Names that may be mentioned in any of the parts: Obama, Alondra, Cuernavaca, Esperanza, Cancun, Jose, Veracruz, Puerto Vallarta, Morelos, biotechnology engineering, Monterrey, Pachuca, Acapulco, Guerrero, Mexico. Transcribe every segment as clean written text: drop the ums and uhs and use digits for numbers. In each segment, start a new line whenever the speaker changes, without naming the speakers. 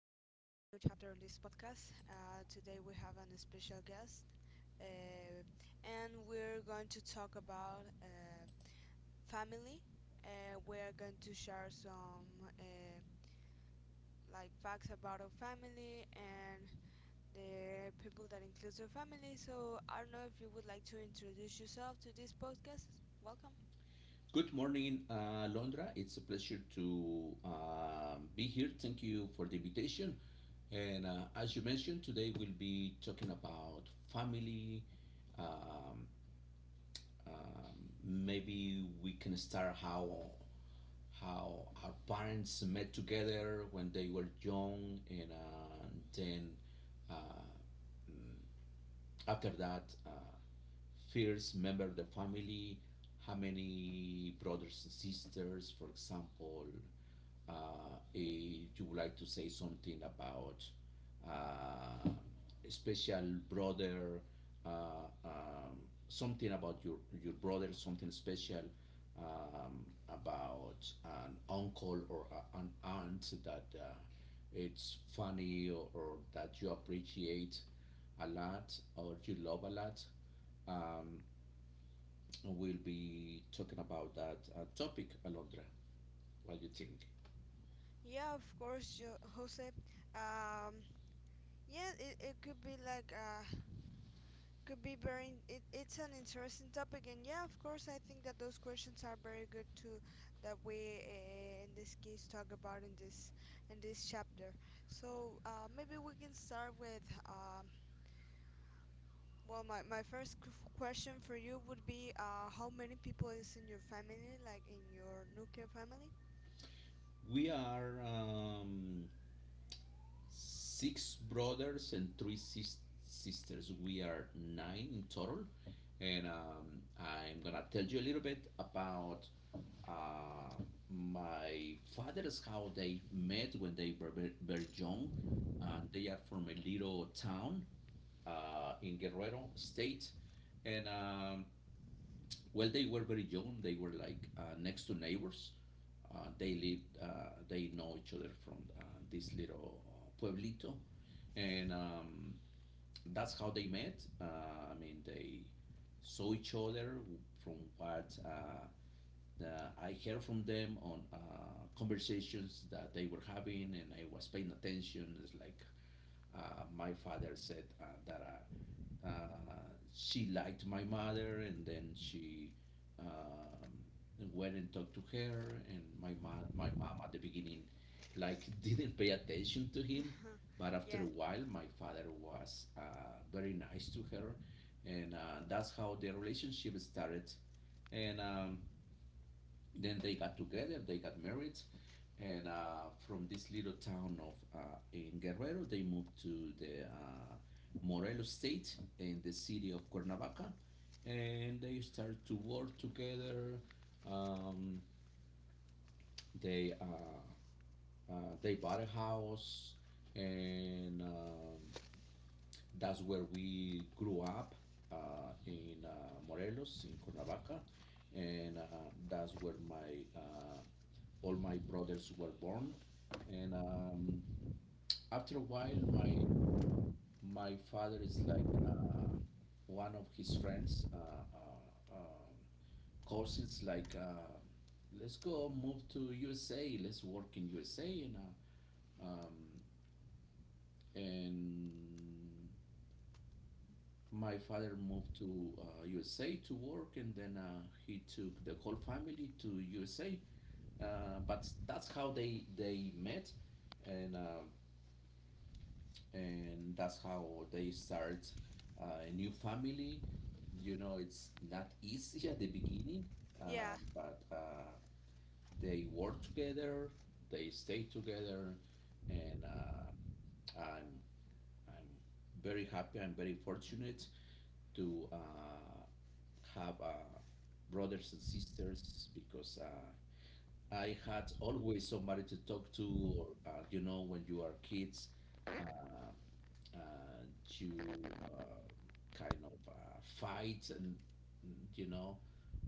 chapter on this podcast. Today we have an special guest, uh, and we're going to talk about family. We're going to share some like facts about our family and the people that includes our family. So I don't know if you would like to introduce yourself to this podcast. Welcome.
Good morning, Londra. It's a pleasure to be here. Thank you for the invitation. And as you mentioned, today we'll be talking about family. Um, um, Maybe we can start how our parents met together when they were young, and then uh, after that, first member of the family, how many brothers and sisters, for example. If you would like to say something about uh, a special brother, uh, um, something about your brother, something special about an uncle or an aunt that it's funny or that you appreciate a lot or you love a lot. Um, we'll be talking about that topic, Alondra. What do you think?
Yeah, of course, Jose. Um, yeah, it could be like could be very it's an interesting topic, and yeah, of course, I think that those questions are very good to that we, in this case, talk about in this chapter. So maybe we can start with um, well, my first question for you would be how many people is in your family, like in your nuclear family.
We are six brothers and three sisters. We are nine in total. And I'm going to tell you a little bit about uh, my father's how they met when they were very, very young. And they are from a little town in Guerrero State. And Well, they were very young. They were like next to neighbors. They lived. They know each other from this little pueblito, and that's how they met. I mean, they saw each other from what I heard from them on conversations that they were having, and I was paying attention. It's like my father said that uh, uh, she liked my mother, and then she um, went and talked to her. And my mom at the beginning, like didn't pay attention to him, but after
Yeah,
a while, my father was very nice to her, and that's how their relationship started. And then they got together, they got married, and from this little town of in Guerrero, they moved to the Morelos state in the city of Cuernavaca, and they started to work together. Um, they uh, they bought a house, and that's where we grew up in Morelos in Cuernavaca, and that's where my all my brothers were born. And after a while, my father is like one of his friends, cousins, like, let's go move to USA, let's work in USA. Um, and my father moved to USA to work, and then he took the whole family to USA. But that's how they met. And um and that's how they start a new family. It's not easy at the beginning,
yeah,
but they work together, they stay together, and I'm I'm very happy. I'm very fortunate to have brothers and sisters because I had always somebody to talk to. Or when you are kids, uh, uh, to kind of fight, and you know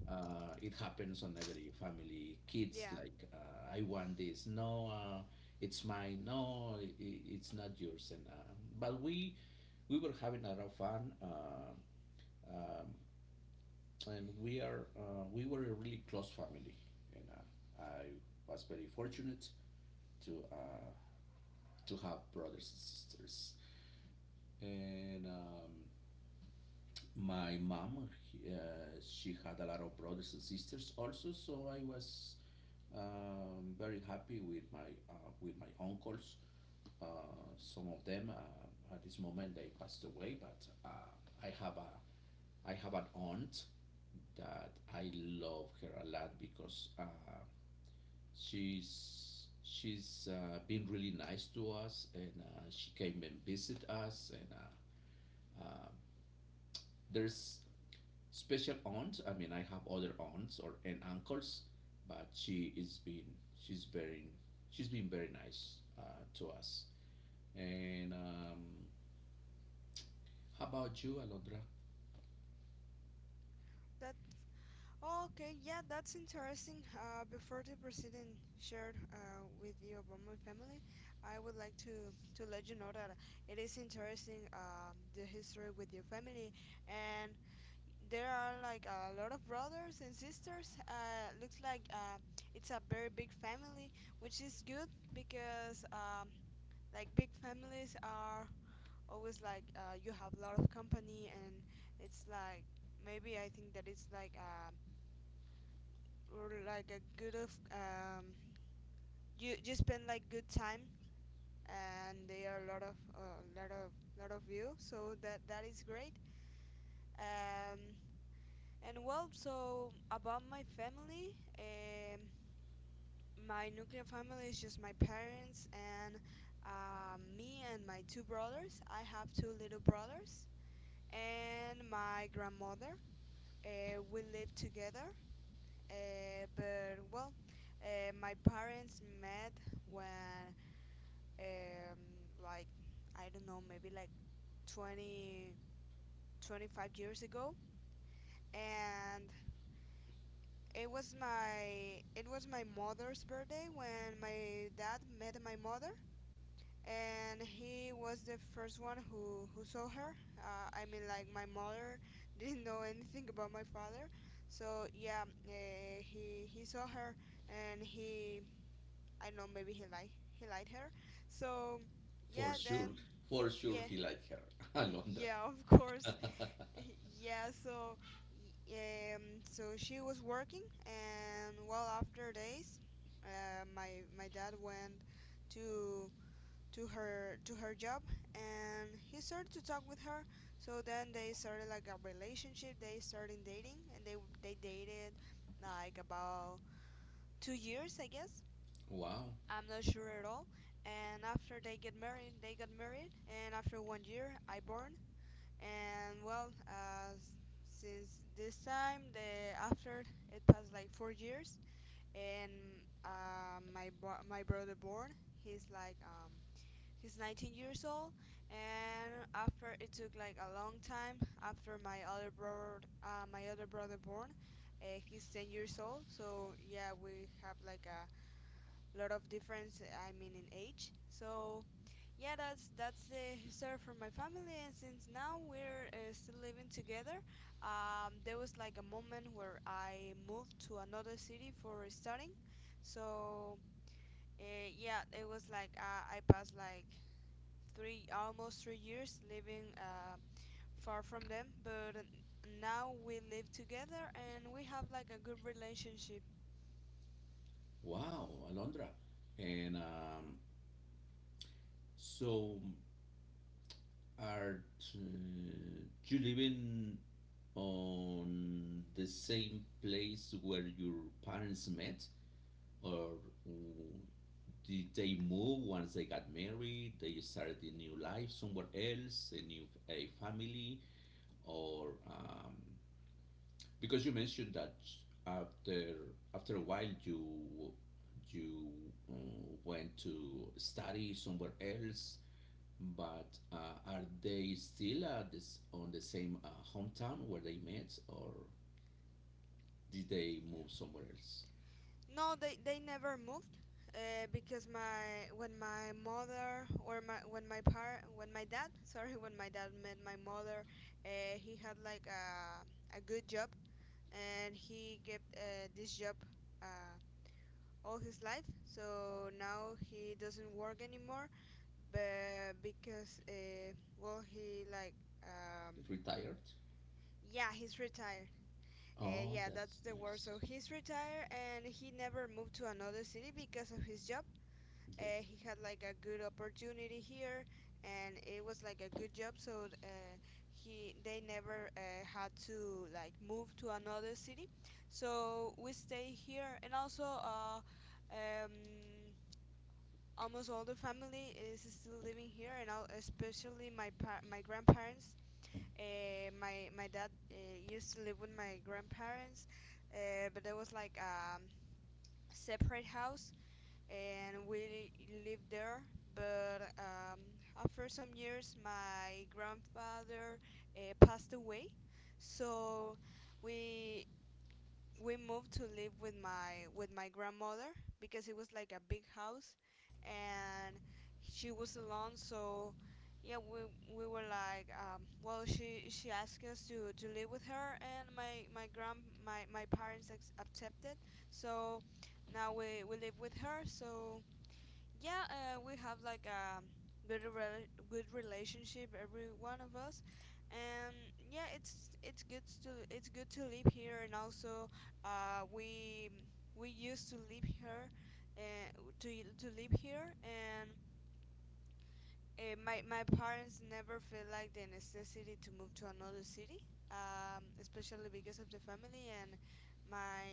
it happens on every family kids
yeah
like I want this, no it's mine, no it's not yours, and but we were having a lot of fun. Um, and we are We were a really close family, and I was very fortunate to uh, to have brothers and sisters, and my mom, she had a lot of brothers and sisters also, so I was very happy with my uncles. uh, some of them at this moment they passed away, but i have a I have an aunt that I love her a lot, because she's been really nice to us, and she came and visit us, and uh, there's special aunt. I mean, I have other aunts or and uncles, but she's very she's been very nice to us. And how about you, Alondra?
that Okay, yeah, that's interesting. Before the president shared with the Obama family, I would like to let you know that it is interesting, the history with your family, and there are like a lot of brothers and sisters. Looks like it's a very big family, which is good because, like big families are always like you have a lot of company, and it's like maybe I think that it's like. Or like a good of you you spend like good time, and there are a lot of you, so that that is great. um and well, so about my family, my nuclear family is just my parents and, me and my two brothers. I have two little brothers and my grandmother. Uh, we live together. Uh, but well, my parents met when, like I don't know, maybe like 20, 25 years ago, and it was my mother's birthday when my dad met my mother, and he was the first one who saw her. I mean, like my mother didn't know anything about my father, so yeah, he saw her, and he, I don't know, maybe he like he liked her, so
For
yeah, then
sure, for sure,
yeah.
he liked her, Alondra.
Yeah, of course. Yeah, so y- so she was working, and well, after days, my dad went to to her job, and he started to talk with her. So then they started like a relationship. They started dating, and they dated like about 2 years, I guess.
Wow,
I'm not sure at all. And after they get married, they got married, and after 1 year, I born, and well, since this time the after it passed like 4 years, and my brother born. He's like he's 19 years old, and after it took like a long time after my other brother born. Uh, he's 10 years old, so yeah, we have like a lot of difference, I mean in age. So yeah, that's the history from my family, and since now we're still living together. There was like a moment where I moved to another city for studying. So yeah, it was like I passed like three, almost 3 years living far from them, but now we live together, and we have like a good relationship.
wow, Alondra. And so, are uh, you living on the same place where your parents met, or did they move once they got married? They started a new life somewhere else, a family, or because you mentioned that after after a while you uh, went to study somewhere else. But are they still on the same hometown where they met, or did they move somewhere else?
No, they never moved because my when my mother or my when my par when my dad sorry when my dad met my mother, he had like a good job, and he kept this job uh, all his life, so now he doesn't work anymore, but because well he like um,
Retired.
yeah, he's retired.
Oh,
Yeah, that's
that's
the word. So
nice.
he's retired, and he never moved to another city because of his job.
Yes.
He had like a good opportunity here, and it was like a good job. So he they never had to like move to another city. So we stay here, and also, um, almost all the family is still living here, and all, especially my grandparents. My dad used to live with my grandparents, but there was like a separate house, and we lived there. But after some years, my grandfather passed away, so we we moved to live with my grandmother because it was like a big house, and she was alone. So yeah, we were like, well, she asked us to live with her, and my grand my my parents accepted. So now we live with her. So yeah, we have like a good relationship, every one of us, and yeah, it's it's good to live here, and also uh, we we used uh, to to live here, and my parents never felt like the necessity to move to another city, especially because of the family and my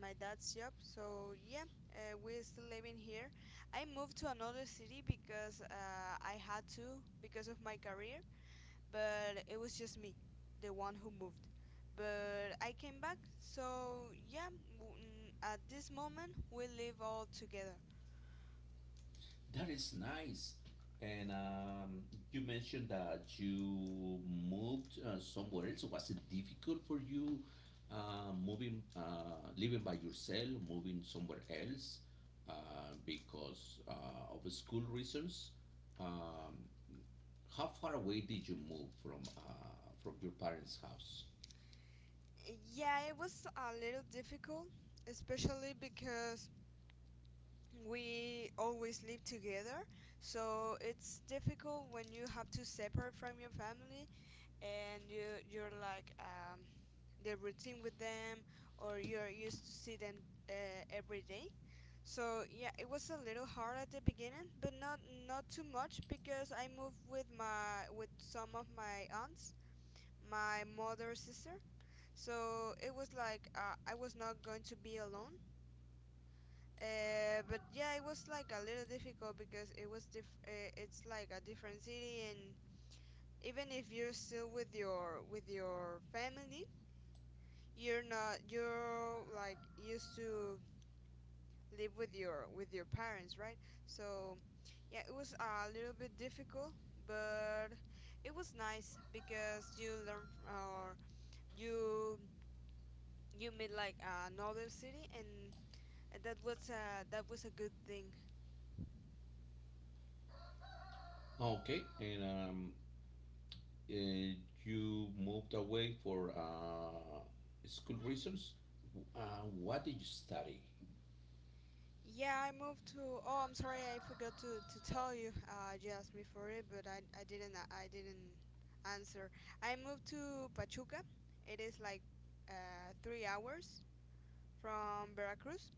my dad's job. So yeah, we're still living here. I moved to another city because I had to because of my career, but it was just me, the one who moved. But I came back, so yeah. At this moment, we live all together.
That is nice. And you mentioned that you moved somewhere else. So, was it difficult for you moving, living by yourself, moving somewhere else because of school reasons? Um, how far away did you move from your parents' house?
Yeah, it was a little difficult, especially because we always live together. So it's difficult when you have to separate from your family, and you you're like, the routine with them, or you're used to see them every day. So yeah, it was a little hard at the beginning, but not not too much, because I moved with some of my aunts, my mother's sister, so it was like I was not going to be alone. But yeah, it was like a little difficult because it was diff. It's like a different city, and even if you're still with your family, you're not you're like used to live with your parents, right? So yeah, it was a little bit difficult, but it was nice because you learn or you you meet like another city, and that was a good thing.
Okay, and uh, you moved away for school reasons. What did you study?
Yeah, I moved to. Oh, I'm sorry, I forgot to tell you. You asked me for it, but I didn't answer. I moved to Pachuca. It is like 3 hours from Veracruz.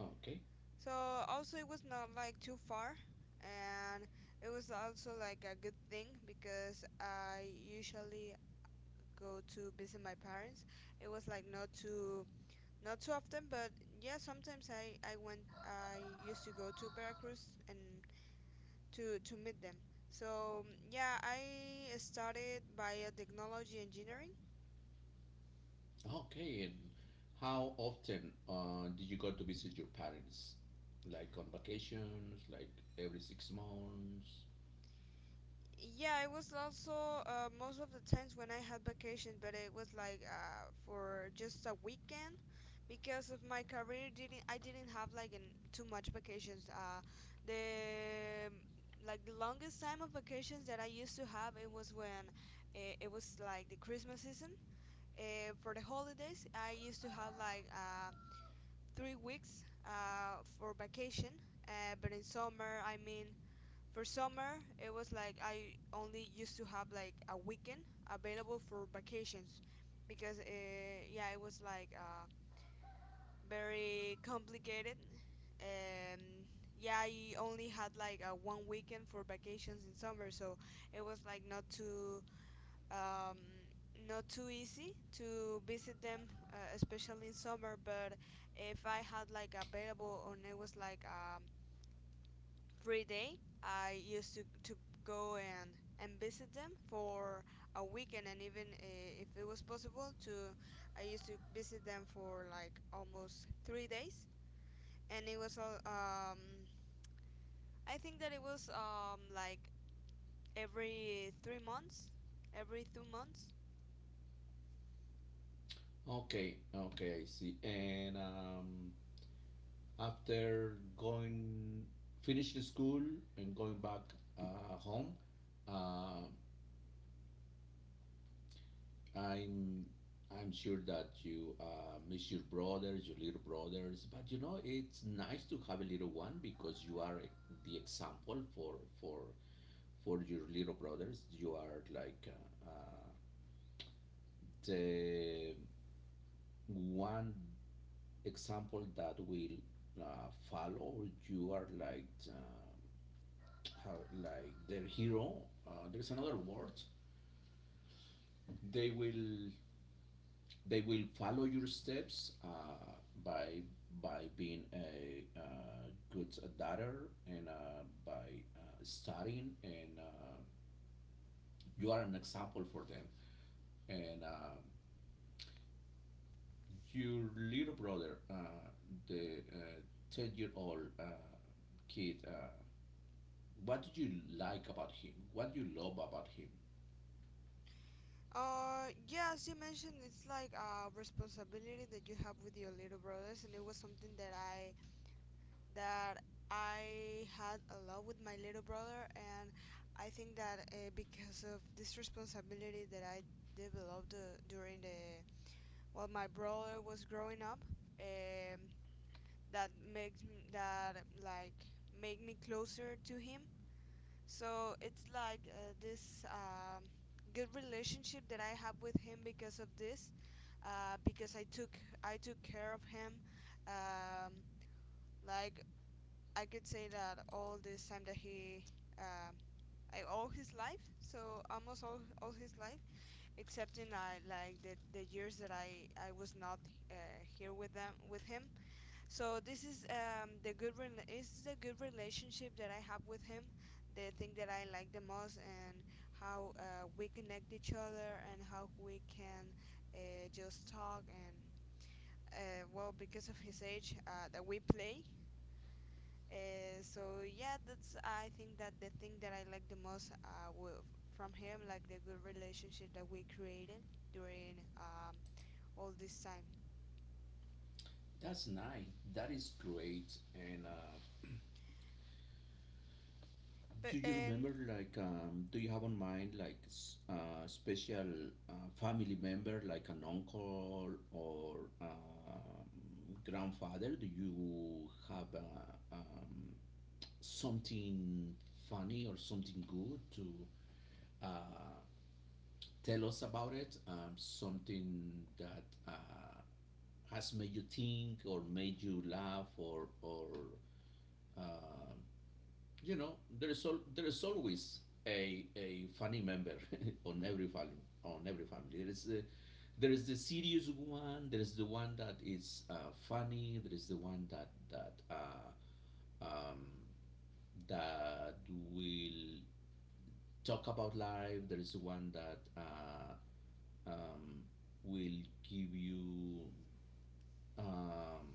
Okay,
So also it was not like too far, and it was also like a good thing because I usually go to visit my parents. It was like not too not so often, but yeah, sometimes I used to go to Veracruz and to meet them. So yeah, I started biotechnology engineering.
okay. And how often did you go to visit your parents? Like on vacations, like every 6 months?
Yeah, it was also, most of the times when I had vacation, but it was like for just a weekend because of my career. Didn't I didn't have like an, too much vacations. The Like the longest time of vacations that I used to have it was when it was like the Christmas season. For the holidays, I used to have like 3 weeks for vacation. But in summer, I mean for summer, it was like I only used to have like a weekend available for vacations, because yeah, it was like very complicated, and yeah, I only had like one weekend for vacations in summer, so it was like not too, um not too easy to visit them, especially in summer. But if I had like available, and it was like every day I used to go and visit them for a weekend, and even if it was possible to, I used to visit them for like almost 3 days, and it was all. I think that it was like every 3 months, every 2 months.
Okay, okay, I see. And after going, finishing school and going back home, uh, I'm I'm sure that you miss your brothers, your little brothers, but you know it's nice to have a little one because you are the example for your little brothers. You are like uh, uh, the one example that will follow. You are like how, like their hero. There's another word. They will They will follow your steps by by being a good daughter and by studying, and you are an example for them. And your little brother, the 10-year-old kid, what do you like about him? What do you love about him?
Yeah, as you mentioned, it's like a responsibility that you have with your little brothers, and it was something that that I had a lot with my little brother, and I think that because of this responsibility that I developed during the while my brother was growing up, um, that makes me, that like make me closer to him. So it's like this, good relationship that I have with him because of this, because I took care of him, um, like I could say that all this time that he, um, like all his life, so almost all his life, except in like the years that I was not uh, here with him. So this is is the good relationship that I have with him, the thing that I like the most, and how we connect each other and how we can just talk, and well, because of his age, that we play. So yeah, that's I think that the thing that I like the most, from him, like the good relationship that we created during, all this time.
That's nice. That is great, and.
But
Do you
and
remember, like, do you have on mind, like, special family member, like an uncle or grandfather? Do you have something funny or something good to uh, tell us about it? Something that has made you think or made you laugh or you know, there is always a funny member on every family on every family. There is the serious one. There is the one that is funny. There is the one um, that will talk about life. There is the one that um, will give you um,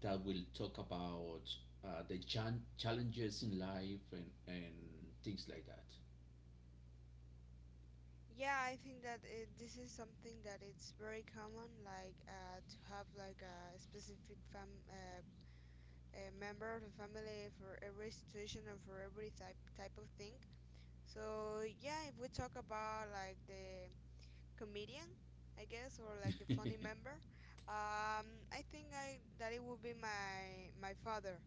that will talk about the challenges in life and things like that.
yeah, I think that this is something that it's very common, like, to have like a specific fam a member of the family for every situation or for every type of thing. So yeah, if we talk about, like, the comedian, I guess, or like the funny member, um I think I that it would be my father.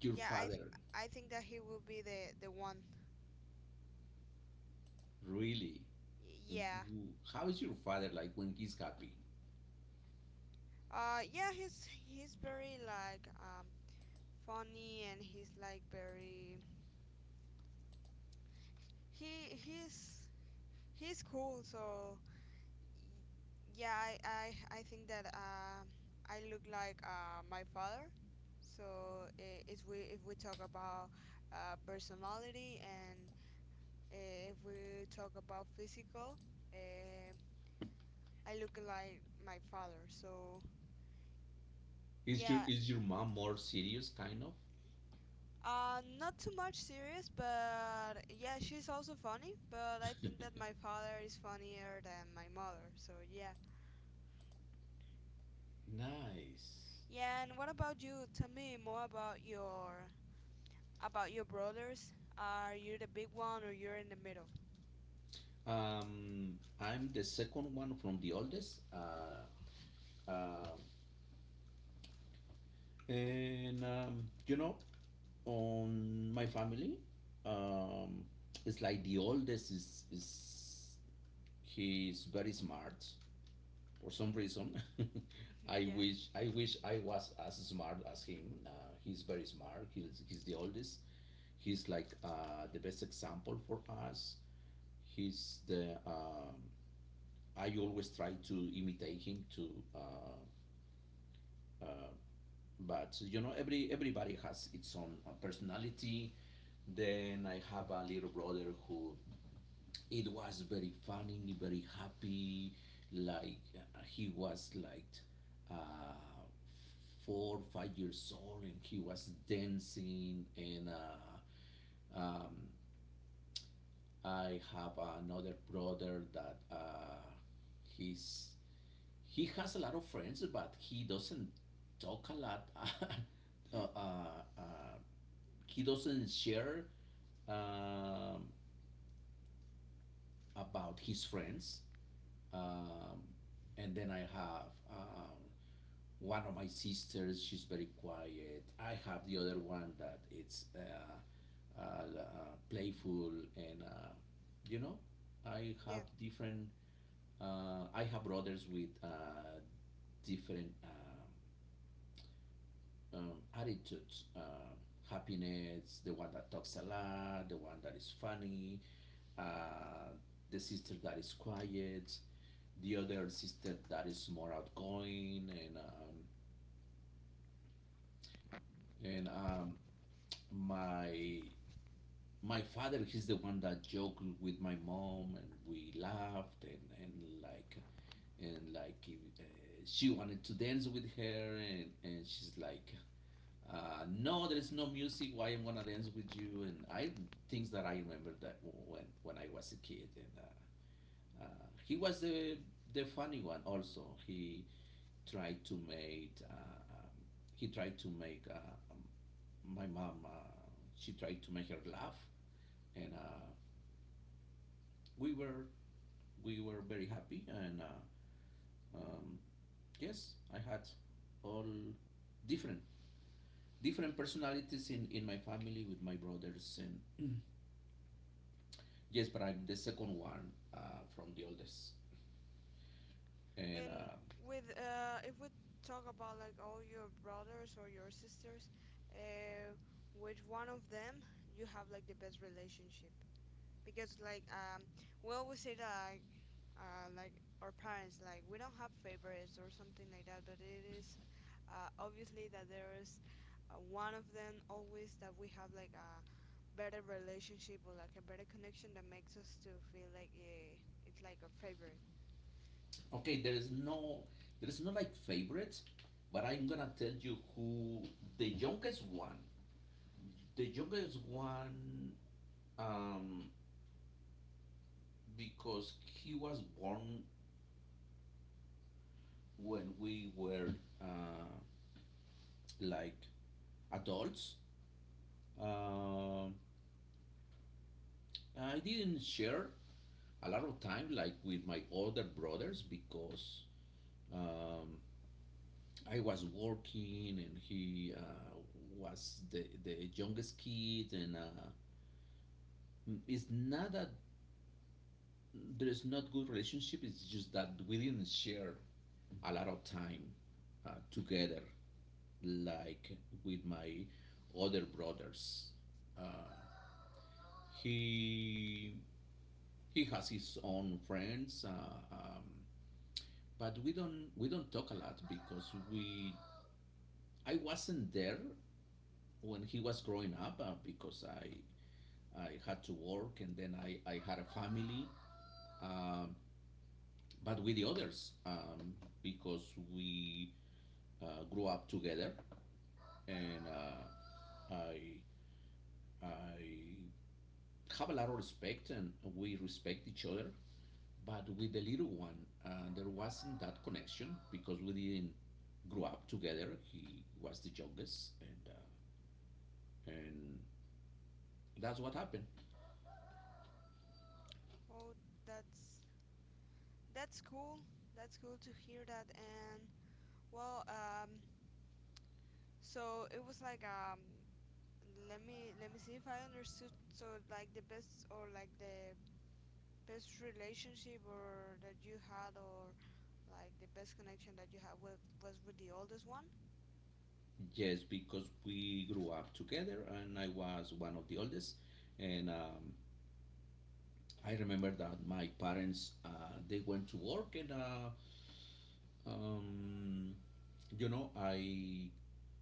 Your
Yeah,
father,
I think that he will be the one.
really?
Yeah.
How is your father like when he's happy?
Yeah, he's very, like, funny, and he's like very, he he's he's cool. So, Yeah, I think that, I look like, my father. So, if we talk about, personality, and if we talk about physical, uh, I look like my father. So yeah,
Is your mom more serious, kind of?
not too much serious, but yeah, she's also funny. But I think that my father is funnier than my mother. So yeah,
Nice.
yeah. And what about you? Tell me more about your — about your brothers. Are you the big one, or you're in the middle?
I'm the second one from the oldest. Uh, and um, you know, on my family, um, it's like the oldest is he's very smart, for some reason.
Yeah.
I wish I was as smart as him. He's very smart. He's the oldest. He's like the best example for us. He's the I always try to imitate him too. But you know, everybody has its own personality. Then I have a little brother who it was very funny, very happy. Like he was like uh, four, 5 years old, and he was dancing. And um, I have another brother that he's he has a lot of friends, but he doesn't talk a lot. uh, uh, uh, he doesn't share um, about his friends. Um, and then I have one of my sisters. She's very quiet. I have the other one that it's playful and you know, I
Yeah.
have different. I have brothers with different attitudes. Happiness. The one that talks a lot. The one that is funny. Uh, the sister that is quiet. The other sister that is more outgoing, and my my father, he's the one that joked with my mom, and we laughed, and uh, she wanted to dance with her, and and she's like no there's no music, why I'm gonna dance with you, and I things that I remember that when I was a kid, and he was the funny one also. Tried to make uh, um, he tried to make my mom, she tried to make her laugh, and we were we were very happy, and um, yes I had all different different personalities in my family with my brothers and mm. Yes, but I'm the second one from the oldest, and
And
uh,
with, if we talk about, like, all your brothers or your sisters, uh, with one of them you have like the best relationship? Because, like, we always say that, like, like, our parents, like, we don't have favorites or something like that, but it is obviously that there is, one of them always that we have like a better relationship or like a better connection that makes us to feel like, eh, it's like a favorite.
okay, there is no like favorite, but I'm gonna tell you who: the youngest one. The youngest one, um, because he was born when we were uh, like adults. Uh, I didn't share a lot of time like with my older brothers because um, I was working and he was the youngest kid, and it's not that there's not good relationship, it's just that we didn't share a lot of time together, like with my other brothers. Uh, he he has his own friends, but we don't talk a lot because we I wasn't there when he was growing up because I had to work, and then I had a family. Um but with the others, because we grew up together, and I I have a lot of respect, and we respect each other. But with the little one, there wasn't that connection because we didn't grow up together. He was the youngest, and and that's what happened.
Oh, that's that's cool. That's cool to hear that. And, well, so it was like, let me see if I understood. So like the best, or like the best relationship or that you had, or like the best connection that you had with, was with the oldest one.
Yes, because we grew up together, and I was one of the oldest. And I remember that my parents they went to work, and um, you know, I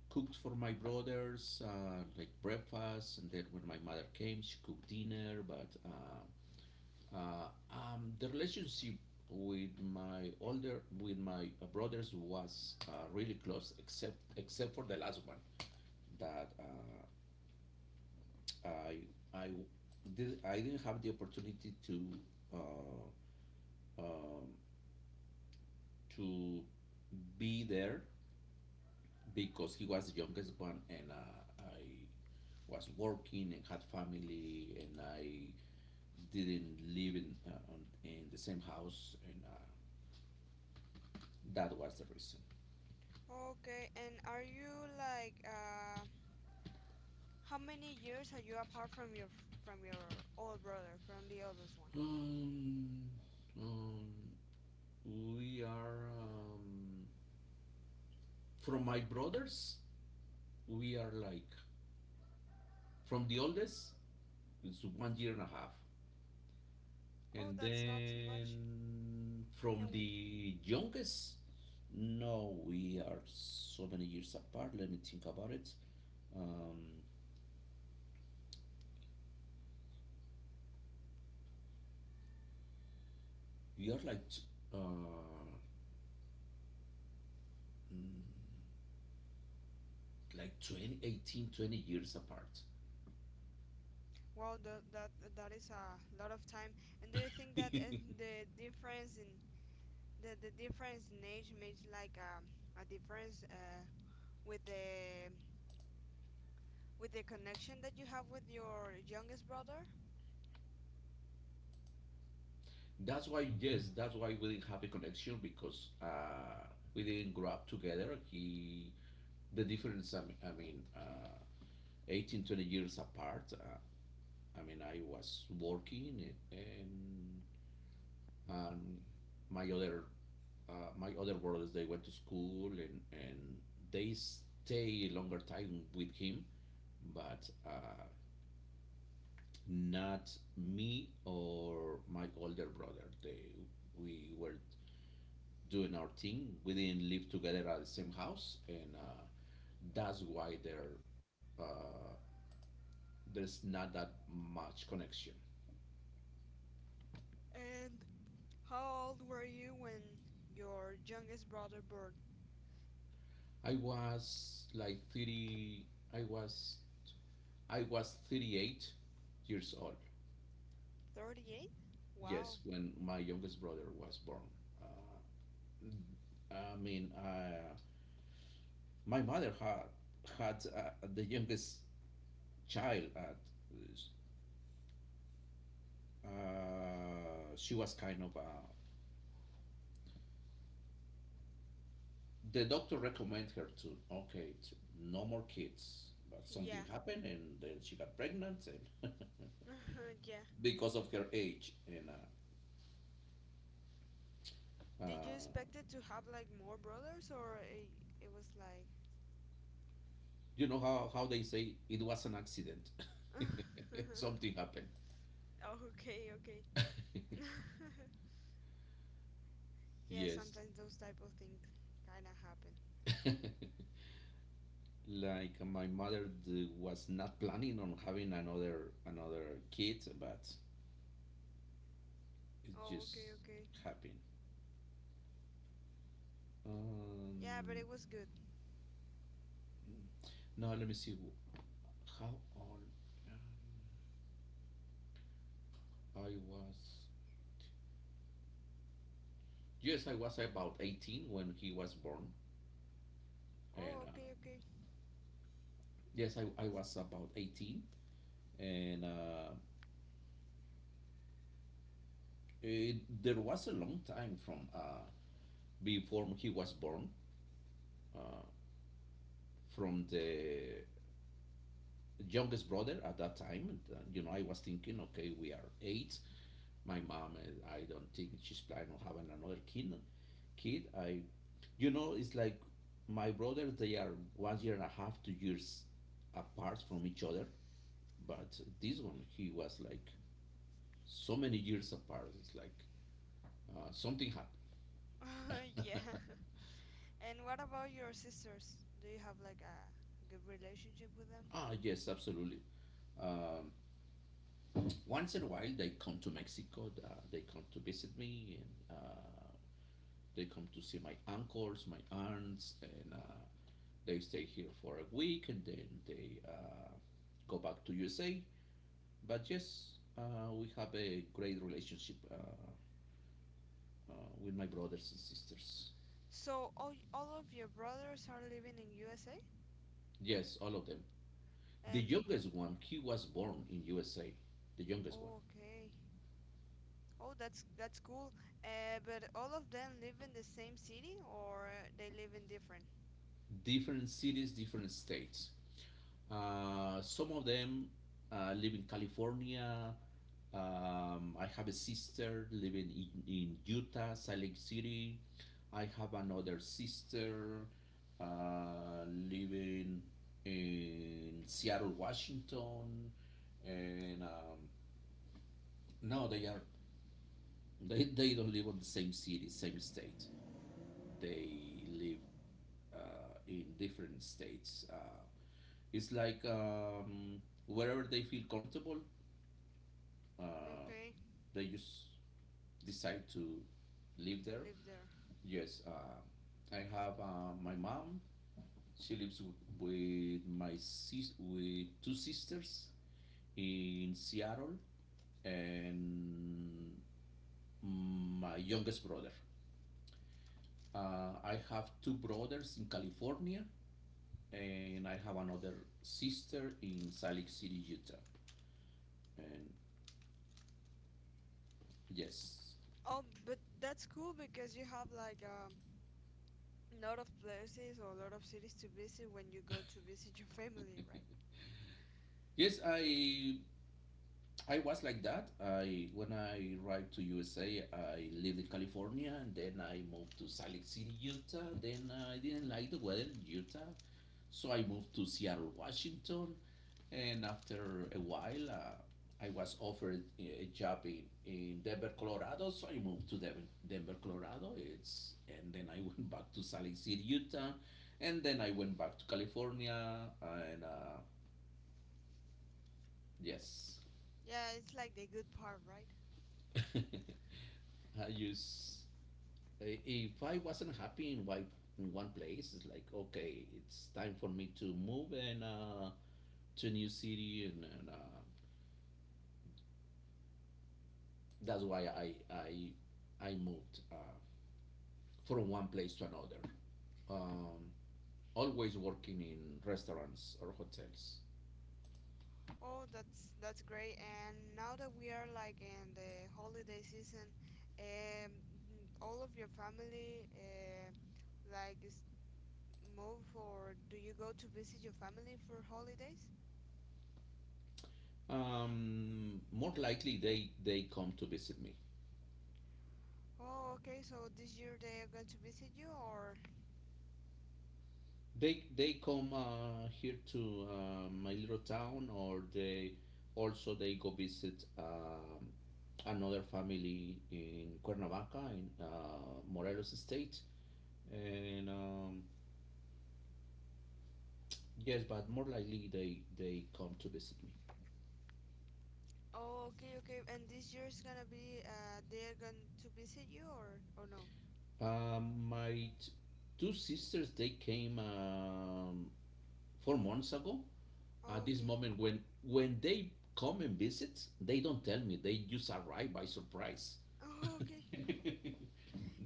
cooked for my brothers like breakfast, and then when my mother came, she cooked dinner. But the relationship with my older with my brothers was really close, except for the last one that I I I didn't have the opportunity uh, um, to be there because he was the youngest one, and I was working and had family, and I didn't live in in the same house, and that was the reason.
Okay, and are you like, how many years are you apart from your, old brother, from the oldest one?
Um, um, we are from my brothers. We are like, from the oldest, it's 1 year and a half,
Oh,
and
that's not too much.
then from
And,
the youngest. No, we are so many years apart. Let me think about it. Um, we are like uh, mm, like 20, 18, 20 years apart.
well, that is a lot of time. And do you think that, the difference in the difference in age makes like, a difference, with the, connection that you have with your youngest brother?
That's why, yes, that's why we didn't have a connection, because we didn't grow up together. He, the difference, I mean, 18, 20 years apart. I mean, I was working and um, my other my other brothers, they went to school, and they stay a longer time with him, but not me or my older brother. We were doing our thing. We didn't live together at the same house, and that's why uh, there's not that much connection.
And how old were you when your youngest brother born?
I was like 30. I was I was 38 years old.
38?
Yes,
Wow.
when my youngest brother was born. Uh, I mean, uh, my mother had the youngest child at uh, she was kind of the doctor recommended her to, okay, to no more kids, but something
Yeah.
happened, and then she got pregnant. And
Yeah.
because of her age. And
Did
uh,
you expect it to have like more brothers, or, it was like —
you know, how they say, it was an accident. Something happened.
Oh, okay, okay. Yeah,
Yes.
sometimes those type of things kind of happen.
Like my mother was not planning on having another kid, but it
Oh,
just
okay, okay.
happened.
Yeah, but
um,
it was good.
Now let me see how old uh, I was. Yes, I was about 18 when he was born, and
Oh, okay, okay.
yes, I was about 18, and it, there was a long time from before he was born, uh, from the youngest brother at that time. You know, I was thinking, okay, we are eight. My mom, I don't think she's planning on having another kid. Kid, I You know, it's like my brothers, they are 1 year and a half, 2 years apart from each other. But this one, he was like so many years apart. It's like something
Yeah.
happened.
And what about your sisters? Do you have like a good relationship with them?
Ah, yes, absolutely. Um, once in a while, they come to Mexico. They come to visit me, and they come to see my uncles, my aunts, and they stay here for a week, and then they go back to USA. But yes, we have a great relationship, with my brothers and sisters.
So, all of your brothers are living in USA?
Yes, all of them. The
And —
youngest one, he was born in USA. The youngest one.
oh, okay. Oh, that's cool. But all of them live in the same city, or they live in different?
Different cities, different states. Some of them live in California. I have a sister living in Utah, Salt Lake City. I have another sister living in Seattle, Washington. And no, they are, they don't live on the same city, same state. They live in different states. It's like wherever they feel comfortable, uh,
Okay,
they just decide to live
to
there.
live there.
Yes, I have my mom. She lives with my sis with two sisters in Seattle, and my youngest brother. I have two brothers in California, and I have another sister in Salt Lake City, Utah. And yes,
Oh, but that's cool, because you have like, a lot of places or a lot of cities to visit when you go to visit your family, right?
yes, I was like that. I when I arrived to USA, I lived in California, and then I moved to Salt Lake City, Utah. Then I didn't like the weather in Utah, so I moved to Seattle, Washington. And after a while, I was offered a job in Denver, Colorado. So I moved to Denver, Colorado. It's, and then I went back to Salt Lake City, Utah, and then I went back to California. And yes,
Yeah, it's like the good part, right?
I use if I wasn't happy in one place, it's like, okay, it's time for me to move, and to a new city. And that's why I moved from one place to another. Um, always working in restaurants or hotels.
Oh, that's great. And now that we are like in the holiday season, um, all of your family, like, is move, or do you go to visit your family for holidays?
More likely, they come to visit me.
Oh, okay. So this year they are going to visit you, or —
They come here to my little town, or they also they go visit another family in Cuernavaca, in Morelos state, and yes, but more likely they come to visit me.
oh, okay, okay. And this year is gonna be, they are going to visit you, or no?
My two sisters, they came 4 months ago. At
Oh,
this
okay.
moment, when they come and visit, they don't tell me, they just arrive by surprise.
Oh, okay.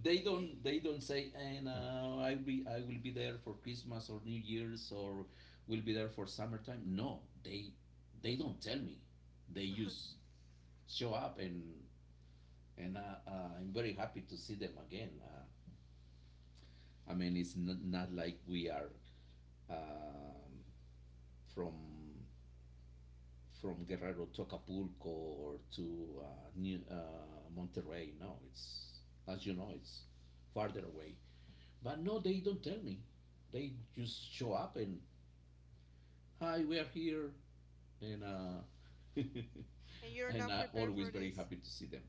they
And
don't they don't say, and I will be there for Christmas or New Year's, or will be there for summertime. No, they don't tell me, they just show up. And I'm very happy to see them again. I mean, it's not like we are um, from from Guerrero to Acapulco or to Monterrey. No, it's, as you know, it's farther away. But no, they don't tell me. They just show up and, hi, we are here. And
and you're
and
not
I
prepared
always
for
very
this.
happy to see them.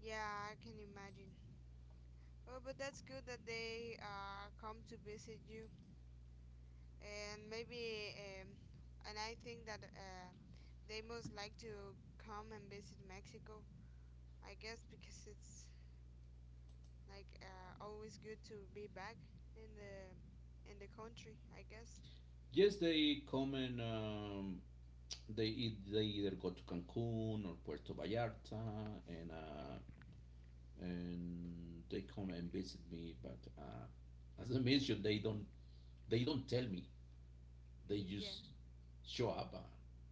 Yeah, I can imagine. Well, but that's good that they, come to visit you, and maybe, and I think that, they most like to come and visit Mexico, I guess, because it's like, always good to be back in the country, I guess.
Yes, they come, and they eat, they either go to Cancun or Puerto Vallarta, and they come and visit me. But as I mentioned, they don't, they don't tell me. They
Yeah.
just show up. Uh,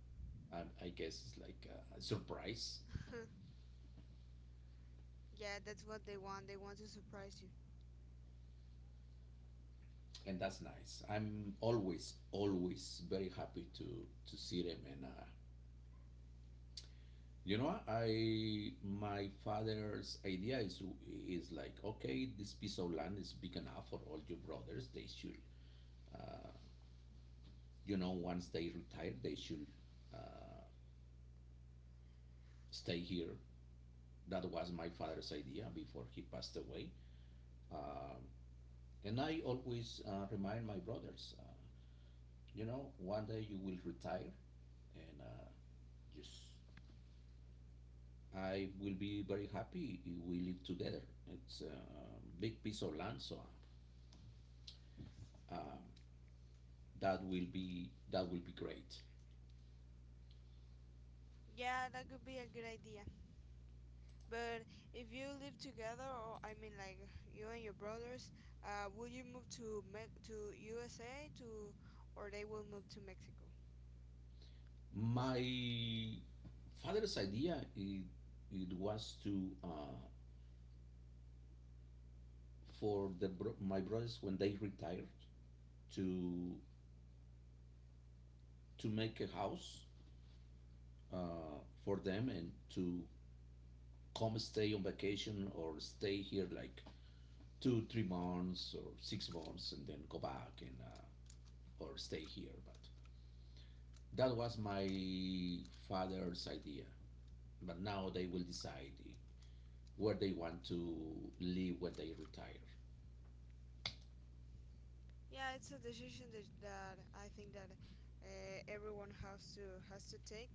I, I guess it's like a surprise,
Yeah, that's what they want. They want to surprise you.
and that's nice. I'm always, always very happy to see them. And you know, I my father's idea is like, okay, this piece of land is big enough for all your brothers. They should, uh, you know, once they retire, they should uh, stay here. That was my father's idea before he passed away. Um And I always remind my brothers, you know, one day you will retire, and just I will be very happy if we live together. It's a big piece of land, so um, that will be, that will be great.
Yeah, that could be a good idea. But if you live together, or, I mean, like, you and your brothers, will you move to to USA to, or they will move to Mexico? It's,
My father's idea, it was to for my brothers, when they retired, to to make a house uh, for them, and to come stay on vacation or stay here like two, 3 months or 6 months, and then go back, and or stay here. But that was my father's idea. But now they will decide where they want to live when they retire.
yeah, it's a decision that, that I think that, everyone has to take.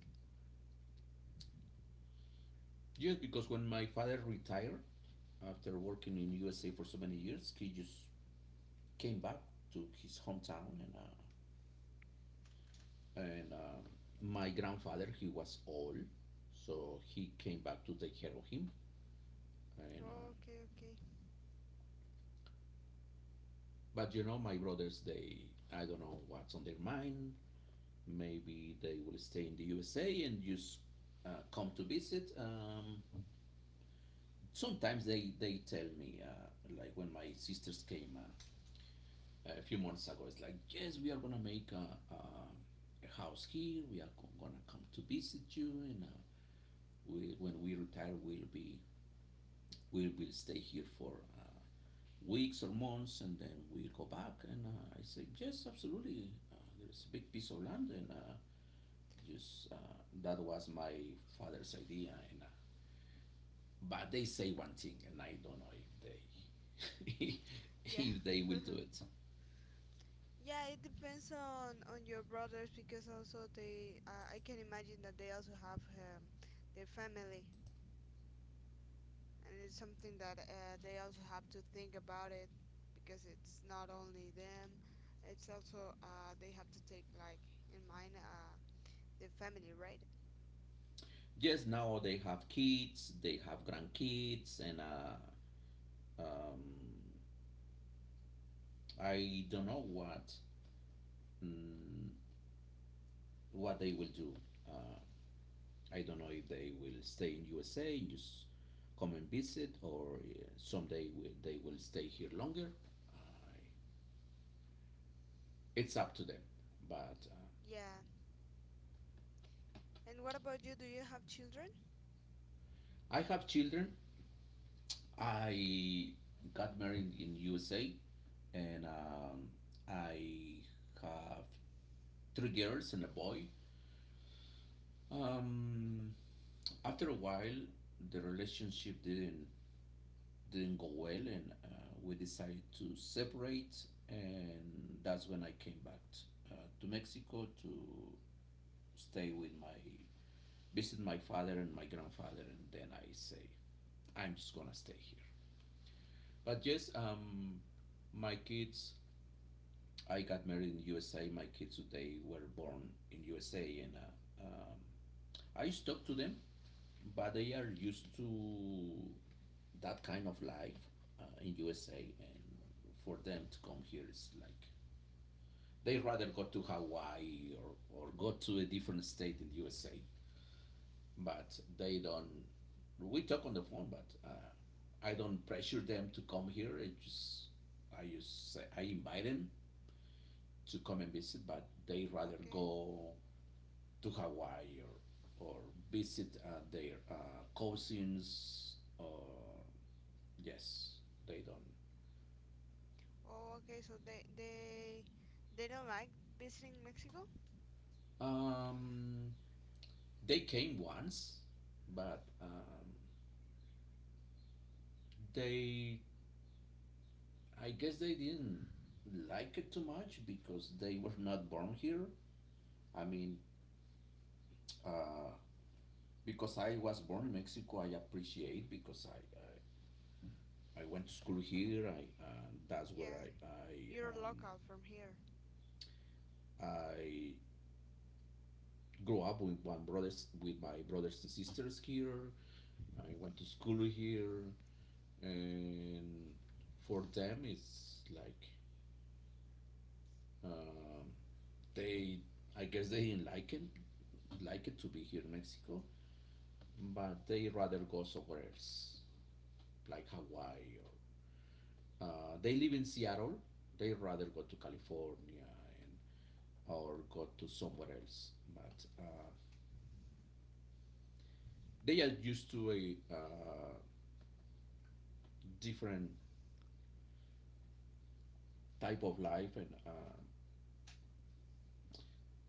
Yes, because when my father retired, after working in USA for so many years, he just came back to his hometown. And and uh, my grandfather, he was old, so he came back to take care of him. And
Oh, okay, okay.
but you know, my brothers, they, I don't know what's on their mind. Maybe they will stay in the USA and just come to visit. Sometimes they tell me, like when my sisters came a few months ago, it's like, yes, we are gonna make a house here. We are gonna come to visit you, and when we retire, we will stay here for weeks or months, and then we'll go back. And I said, yes, absolutely. There's a big piece of land, and just that was my father's idea. And but they say one thing, and I don't know if they
Yeah.
if they will do it.
Yeah, it depends on your brothers, because also they, I can imagine that they also have, their family. And it's something that, they also have to think about it, because it's not only them, it's also, they have to take, like, in mind, the family, right?
Yes, now they have kids, they have grandkids, and um, I don't know what mm, what they will do. Uh, I don't know if they will stay in USA and just come and visit, or someday they will stay here longer. I, it's up to them. But
Yeah. And what about you? Do you have children?
I have children. I got married in USA, and I have three girls and a boy. Um, After a while, the relationship didn't go well, and we decided to separate, and that's when I came back to Mexico to stay with my visit my father and my grandfather, and then I say I'm just gonna stay here. But yes, my kids. I got married in USA. My kids today were born in USA, and I used to talk to them, but they are used to that kind of life in USA, and for them to come here is like they rather go to Hawaii or go to a different state in USA, but they don't. We talk on the phone, but I don't pressure them to come here. I just say, I invite them to come and visit, but they rather
Okay.
go to Hawaii or or visit their cousins or yes, they don't.
Oh, okay. So, they they don't like visiting Mexico?
Um, they came once, but they, I guess they didn't like it too much because they were not born here. I mean, uh, because I was born in Mexico, I appreciate because I went to school here. I That's where
Yeah, you're local from here.
I grew up with my brothers and sisters here. I went to school here, and for them it's like Um, they, I guess, they didn't like it to be here in Mexico, but they rather go somewhere else, like Hawaii or they live in Seattle. They rather go to California and or go to somewhere else. But They are used to a different type of life, and uh,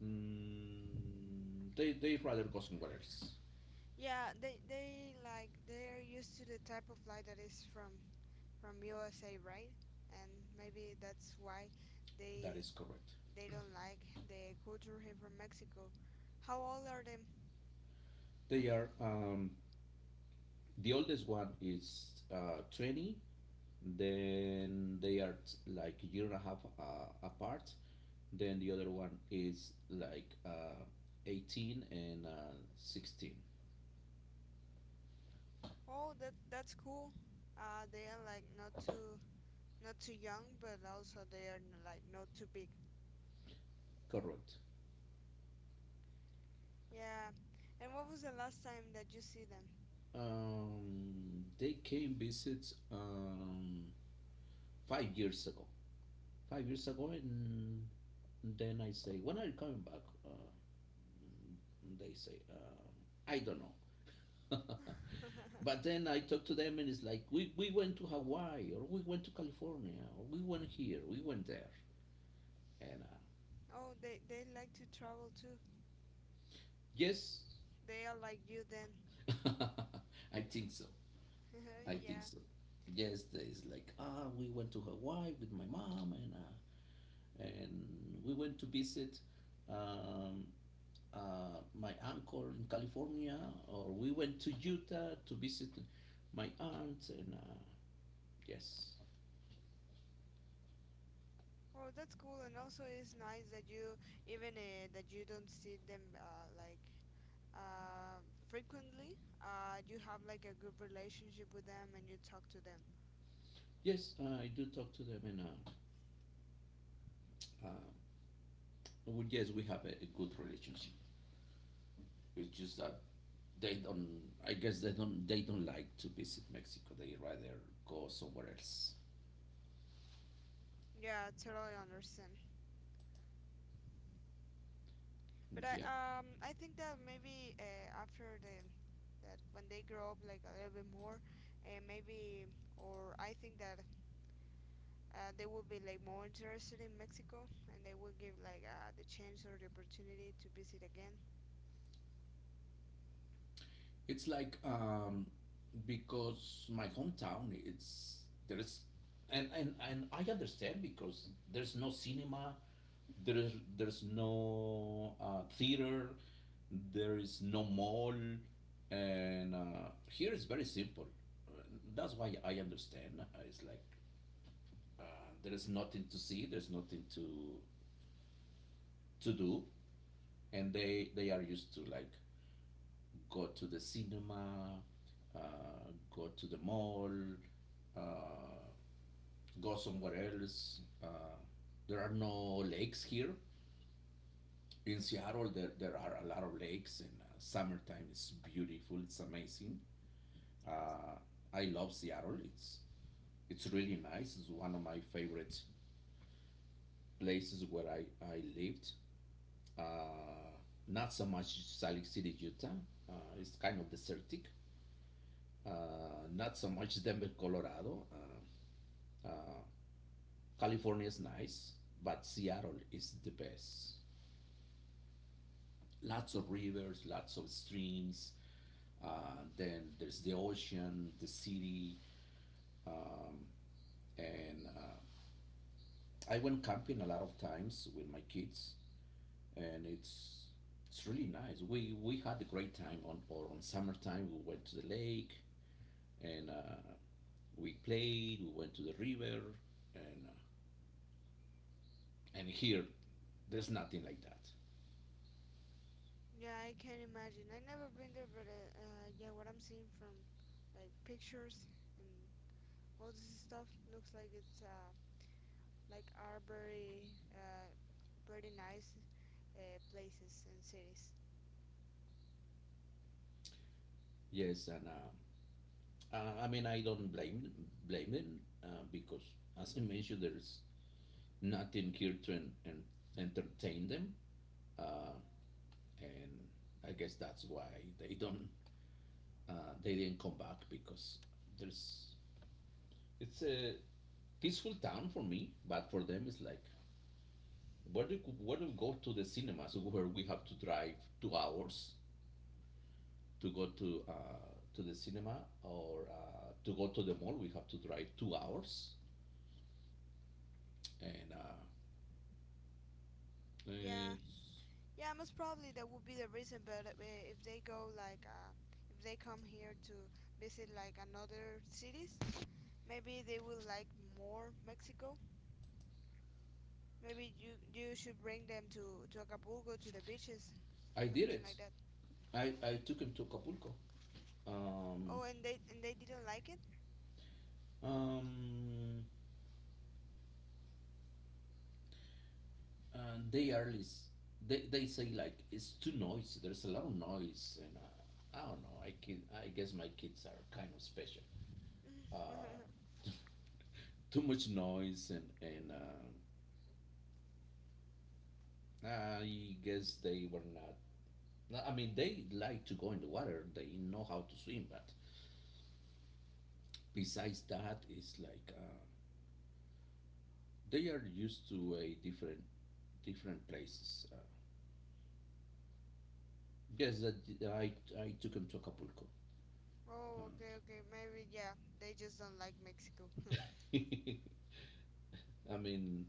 mm, they rather go somewhere else.
Yeah, they like they're used to the type of life that is from USA, right? And maybe that's why
That
they —
is correct.
they don't like the culture here from Mexico. How old are them?
They are um, The oldest one is 20. Then they are like a year and a half apart. Then the other one is like 18 and 16.
Oh, that that's cool. They are like not too young, but also they are like not too big.
Correct.
Yeah. And what was the last time that you see them?
They came visit 5 years ago. 5 years ago, and then I say, "When are you coming back?" They say, "I don't know." But then I talk to them and it's like, we went to Hawaii or we went to California or we went here, we went there. And
Oh, they like to travel too.
Yes.
They are like you, then.
I think so. I think
Yeah.
so. Yes, there is like, ah, we went to Hawaii with my mom and we went to visit um, my uncle in California or we went to Utah to visit my aunt. And Yes,
Oh, that's cool. And also, it's nice that you, even, that you don't see them, like, uh, frequently. You have like a good relationship with them and you talk to them.
yes, I do talk to them and uh, Well, yes, we have a good relationship. It's just that they don't. I guess they don't. They don't like to visit Mexico. They rather go somewhere else.
Yeah, I totally understand. But I,
Yeah,
I think that maybe, after the, that when they grow up like a little bit more, and maybe, or I think that, they will be like more interested in Mexico and they will give like, the chance or the opportunity to visit again.
it's like because my hometown. And I understand because there's no cinema. There's no theater. There is no mall, and here it's very simple. Uh, That's why I understand. It's like there is nothing to see, there's nothing to to do, and they are used to like go to the cinema, go to the mall, uh, go somewhere else. There are no lakes here. In Seattle there, there are a lot of lakes, and summertime is beautiful, it's amazing. uh, I love Seattle. It's really nice, it's one of my favorite places where I lived. uh, Not so much Salicylic Utah. Uh, it's kind of desertic. Not so much Denver, Colorado. Uh, California is nice, but Seattle is the best. Lots of rivers, lots of streams. Then there's the ocean, the city, um, and I went camping a lot of times with my kids, and it's really nice. We had a great time on or on summertime. We went to the lake, and we played, we went to the river, and uh, and here there's nothing like that.
Yeah, I can imagine. I never been there, but, yeah, what I'm seeing from, like, pictures, and all this stuff looks like it's, like, are very, pretty nice, places and cities.
Yes, and I mean, I don't blame them, because as I mentioned, there's nothing here to entertain them, uh, and I guess that's why they don't, they didn't come back because there's it's a peaceful town for me, but for them it's like where do we go to the cinemas? Where we have to drive 2 hours to go to the cinema, or to go to the mall, we have to drive 2 hours, and uh,
Yeah,
it's,
yeah, most probably that would be the reason. But, if they go like, if they come here to visit, like, another cities, maybe they will like more Mexico. Maybe you should bring them to Acapulco, to the beaches,
I did
something
it.
like that.
I took him to Acapulco. Um,
Oh, and they didn't like it.
um, and they are lis- they say like it's too noisy. There's a lot of noise, and I don't know. I guess my kids are kind of special. Uh, Too much noise, and I guess they were not. No, I mean, they like to go in the water. They know how to swim, but besides that, it's like they are used to a different places. Yes, that I I took them to Acapulco.
Oh,
Um,
okay, okay, maybe, yeah, they just don't like Mexico.
I mean,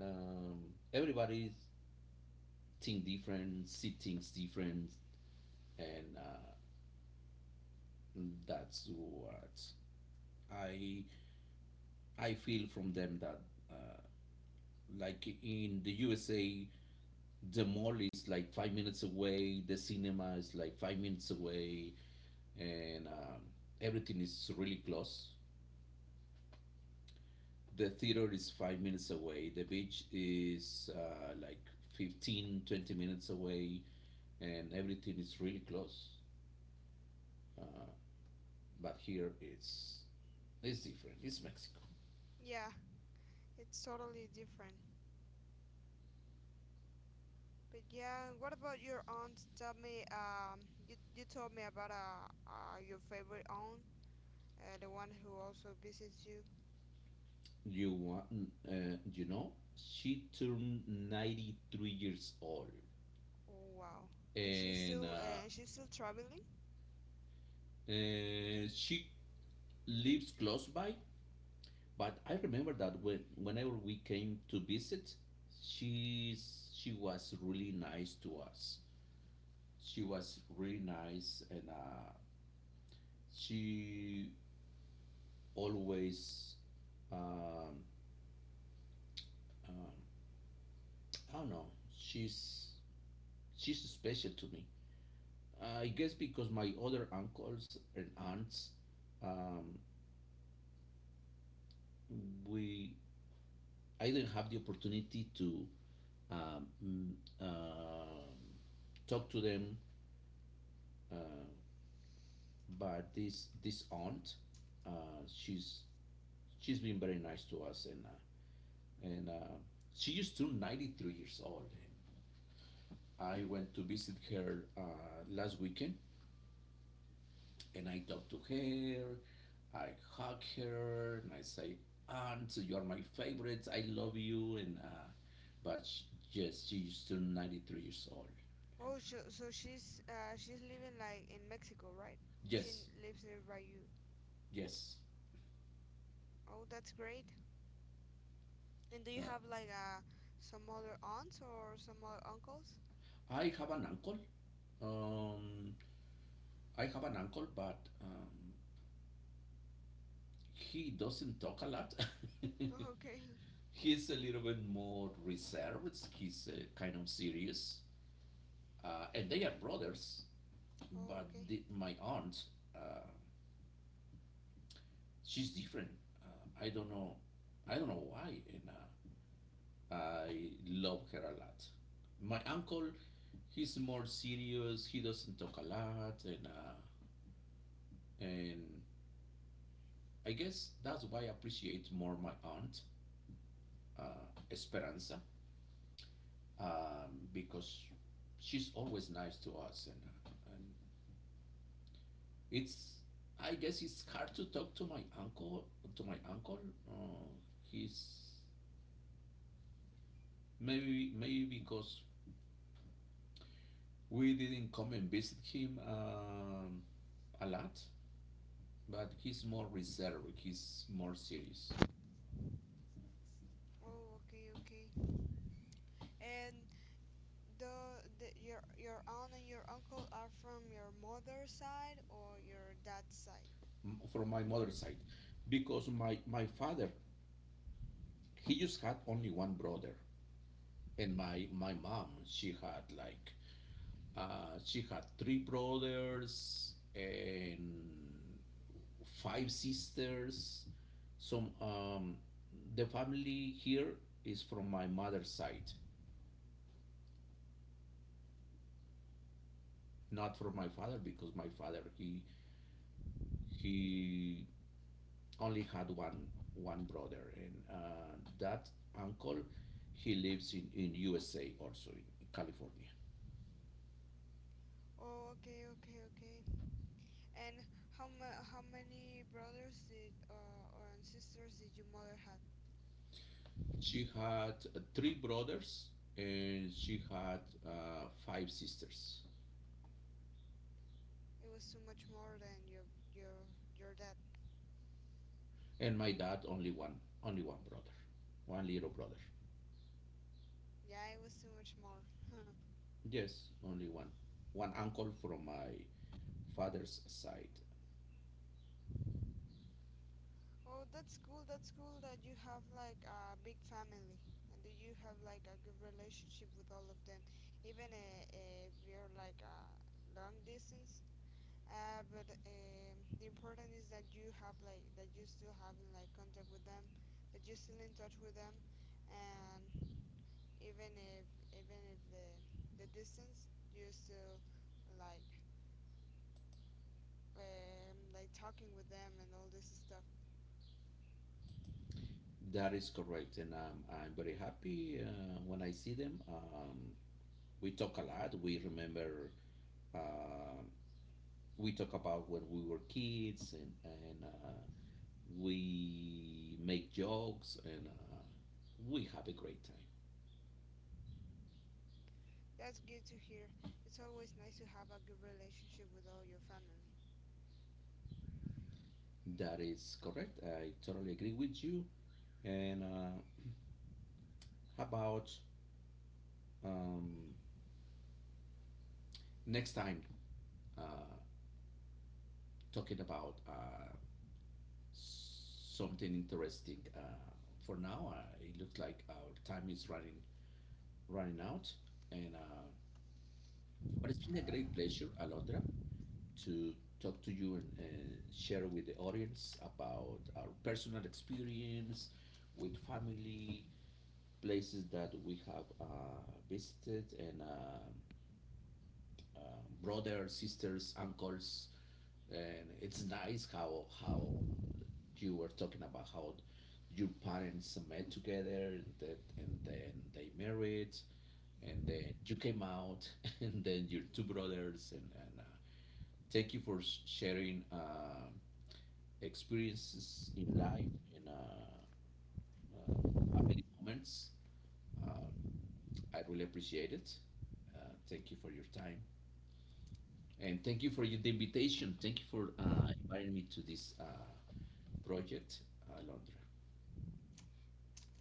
everybody think different, see things different, and that's what I I feel from them. That uh, like in the USA, the mall is like 5 minutes away, the cinema is like 5 minutes away, and everything is really close. The theater is 5 minutes away, the beach is like 15, 20 minutes away, and everything is really close. But here it's different. It's Mexico.
Yeah, it's totally different. But yeah, what about your aunt? Tell me, you told me about, your favorite aunt, the one who also visits you.
You want, you know, she turned 93 years old,
Oh, wow. And she's
and
still,
uh,
and she's still traveling?
uh, she lives close by. But I remember that whenever we came to visit, she was really nice to us. She was really nice, and she always um, um, I don't know. She's she's special to me. I guess because my other uncles and aunts, um, we I didn't have the opportunity to um, mm, um, talk to them. Uh, but this aunt, she's been very nice to us, and she is still 93 years old. I went to visit her last weekend, and I talked to her. I hug her and I say, aunt, you are my favorite, I love you, and but sh yes, she is still 93 years old and,
Oh,
uh,
so, so she's, she's living like in Mexico, right? She
yes,
lives nearby you.
yes.
Oh, that's great. And do you
uh,
have like, some other aunts or some other uncles?
I have an uncle, um, I have an uncle, but he doesn't talk a lot.
Okay.
He's a little bit more reserved. He's kind of serious, and they are brothers.
Oh,
But
okay.
my aunt, uh, she's different. I don't know. I don't know why, and I love her a lot. My uncle, he's more serious. He doesn't talk a lot, and and I guess that's why I appreciate more my aunt, Esperanza. Because she's always nice to us, and it's I guess it's hard to talk to my uncle, to my uncle. Uh, he's Maybe because we didn't come and visit him a lot, but he's more reserved. He's more serious.
Oh, okay, okay. And though the, your aunt and your uncle are from your mother's side or your dad's side?
From my mother's side, because my father, he just had only one brother, and my mom, she had like she had three brothers and five sisters. Some The family here is from my mother's side, not from my
Oh,
father,
okay.
because my father, he only had one brother, and that uncle, he lives in USA also, in California.
Oh, okay, okay, okay. And how many brothers did, or and sisters did your mother have?
She had three brothers, and she had five sisters.
It was too much more than your your dad.
And my dad only one brother, one little brother.
Yeah, it was too much more. Huh.
Yes, only one, one uncle from my father's side.
Oh, that's cool. That's cool that you have like a big family, and that you have like a good relationship with all of them, even, if you're like a long distance. Uh, but, the important is that you have like, that you still having like contact with them, that you're still in touch with them, and even if even if the distance, you're still, like, like, talking with them and all this stuff.
That is correct, and I'm very happy when I see them. We talk a lot. We remember. Uh, we talk about when we were kids, and we make jokes, and we have a great time.
That's good to hear. It's always nice to have a good relationship with all your family.
That is correct. I totally agree with you. And how about um, next time uh, talking about something interesting. For now, it looks like our time is running out, and but it's been a great pleasure, Alondra, to talk to you and, share with the audience about our personal experience with family, places that we have visited, and uh, brothers, sisters, uncles, and it's nice how you were talking about how your parents met together and then they married, and then you came out and then your two brothers, and thank you for sharing experiences in life, and uh, family moments. um, I really appreciate it. Thank you for your time. And thank you for the invitation. Thank you for inviting me to this project, Alondra.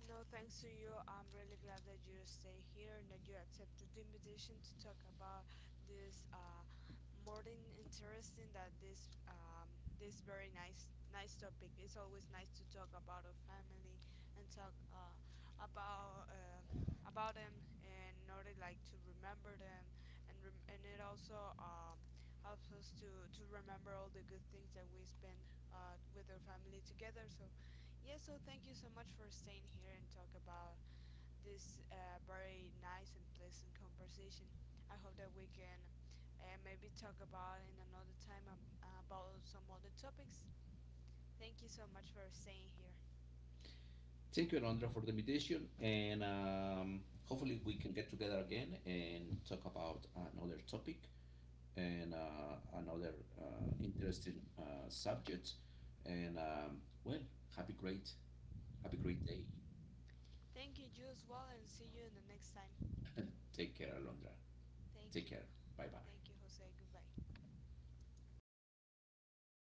No, thanks to you. I'm really glad that you stay here and that you accepted the invitation to talk about this, more than interesting, that this, this very nice topic. It's always nice to talk about our family and talk, about, about them, in order, like, to remember them, and and it also, helps us to remember all the good things that we spend, with our family together. So yeah, so thank you so much for staying here and talk about this, very nice and pleasant conversation. I hope that we can, maybe talk about in another time, about some other topics. Thank you so much for staying here.
Thank you, Alondra, for the invitation. And Hopefully, we can get together again and talk about another topic, and another interesting subject. And um, well, Happy great, happy great day.
Thank you, you as well, and see you in the next time.
Take care, Alondra.
Thank
Take care.
you.
Bye
Thank you,
bye.
Jose. Goodbye.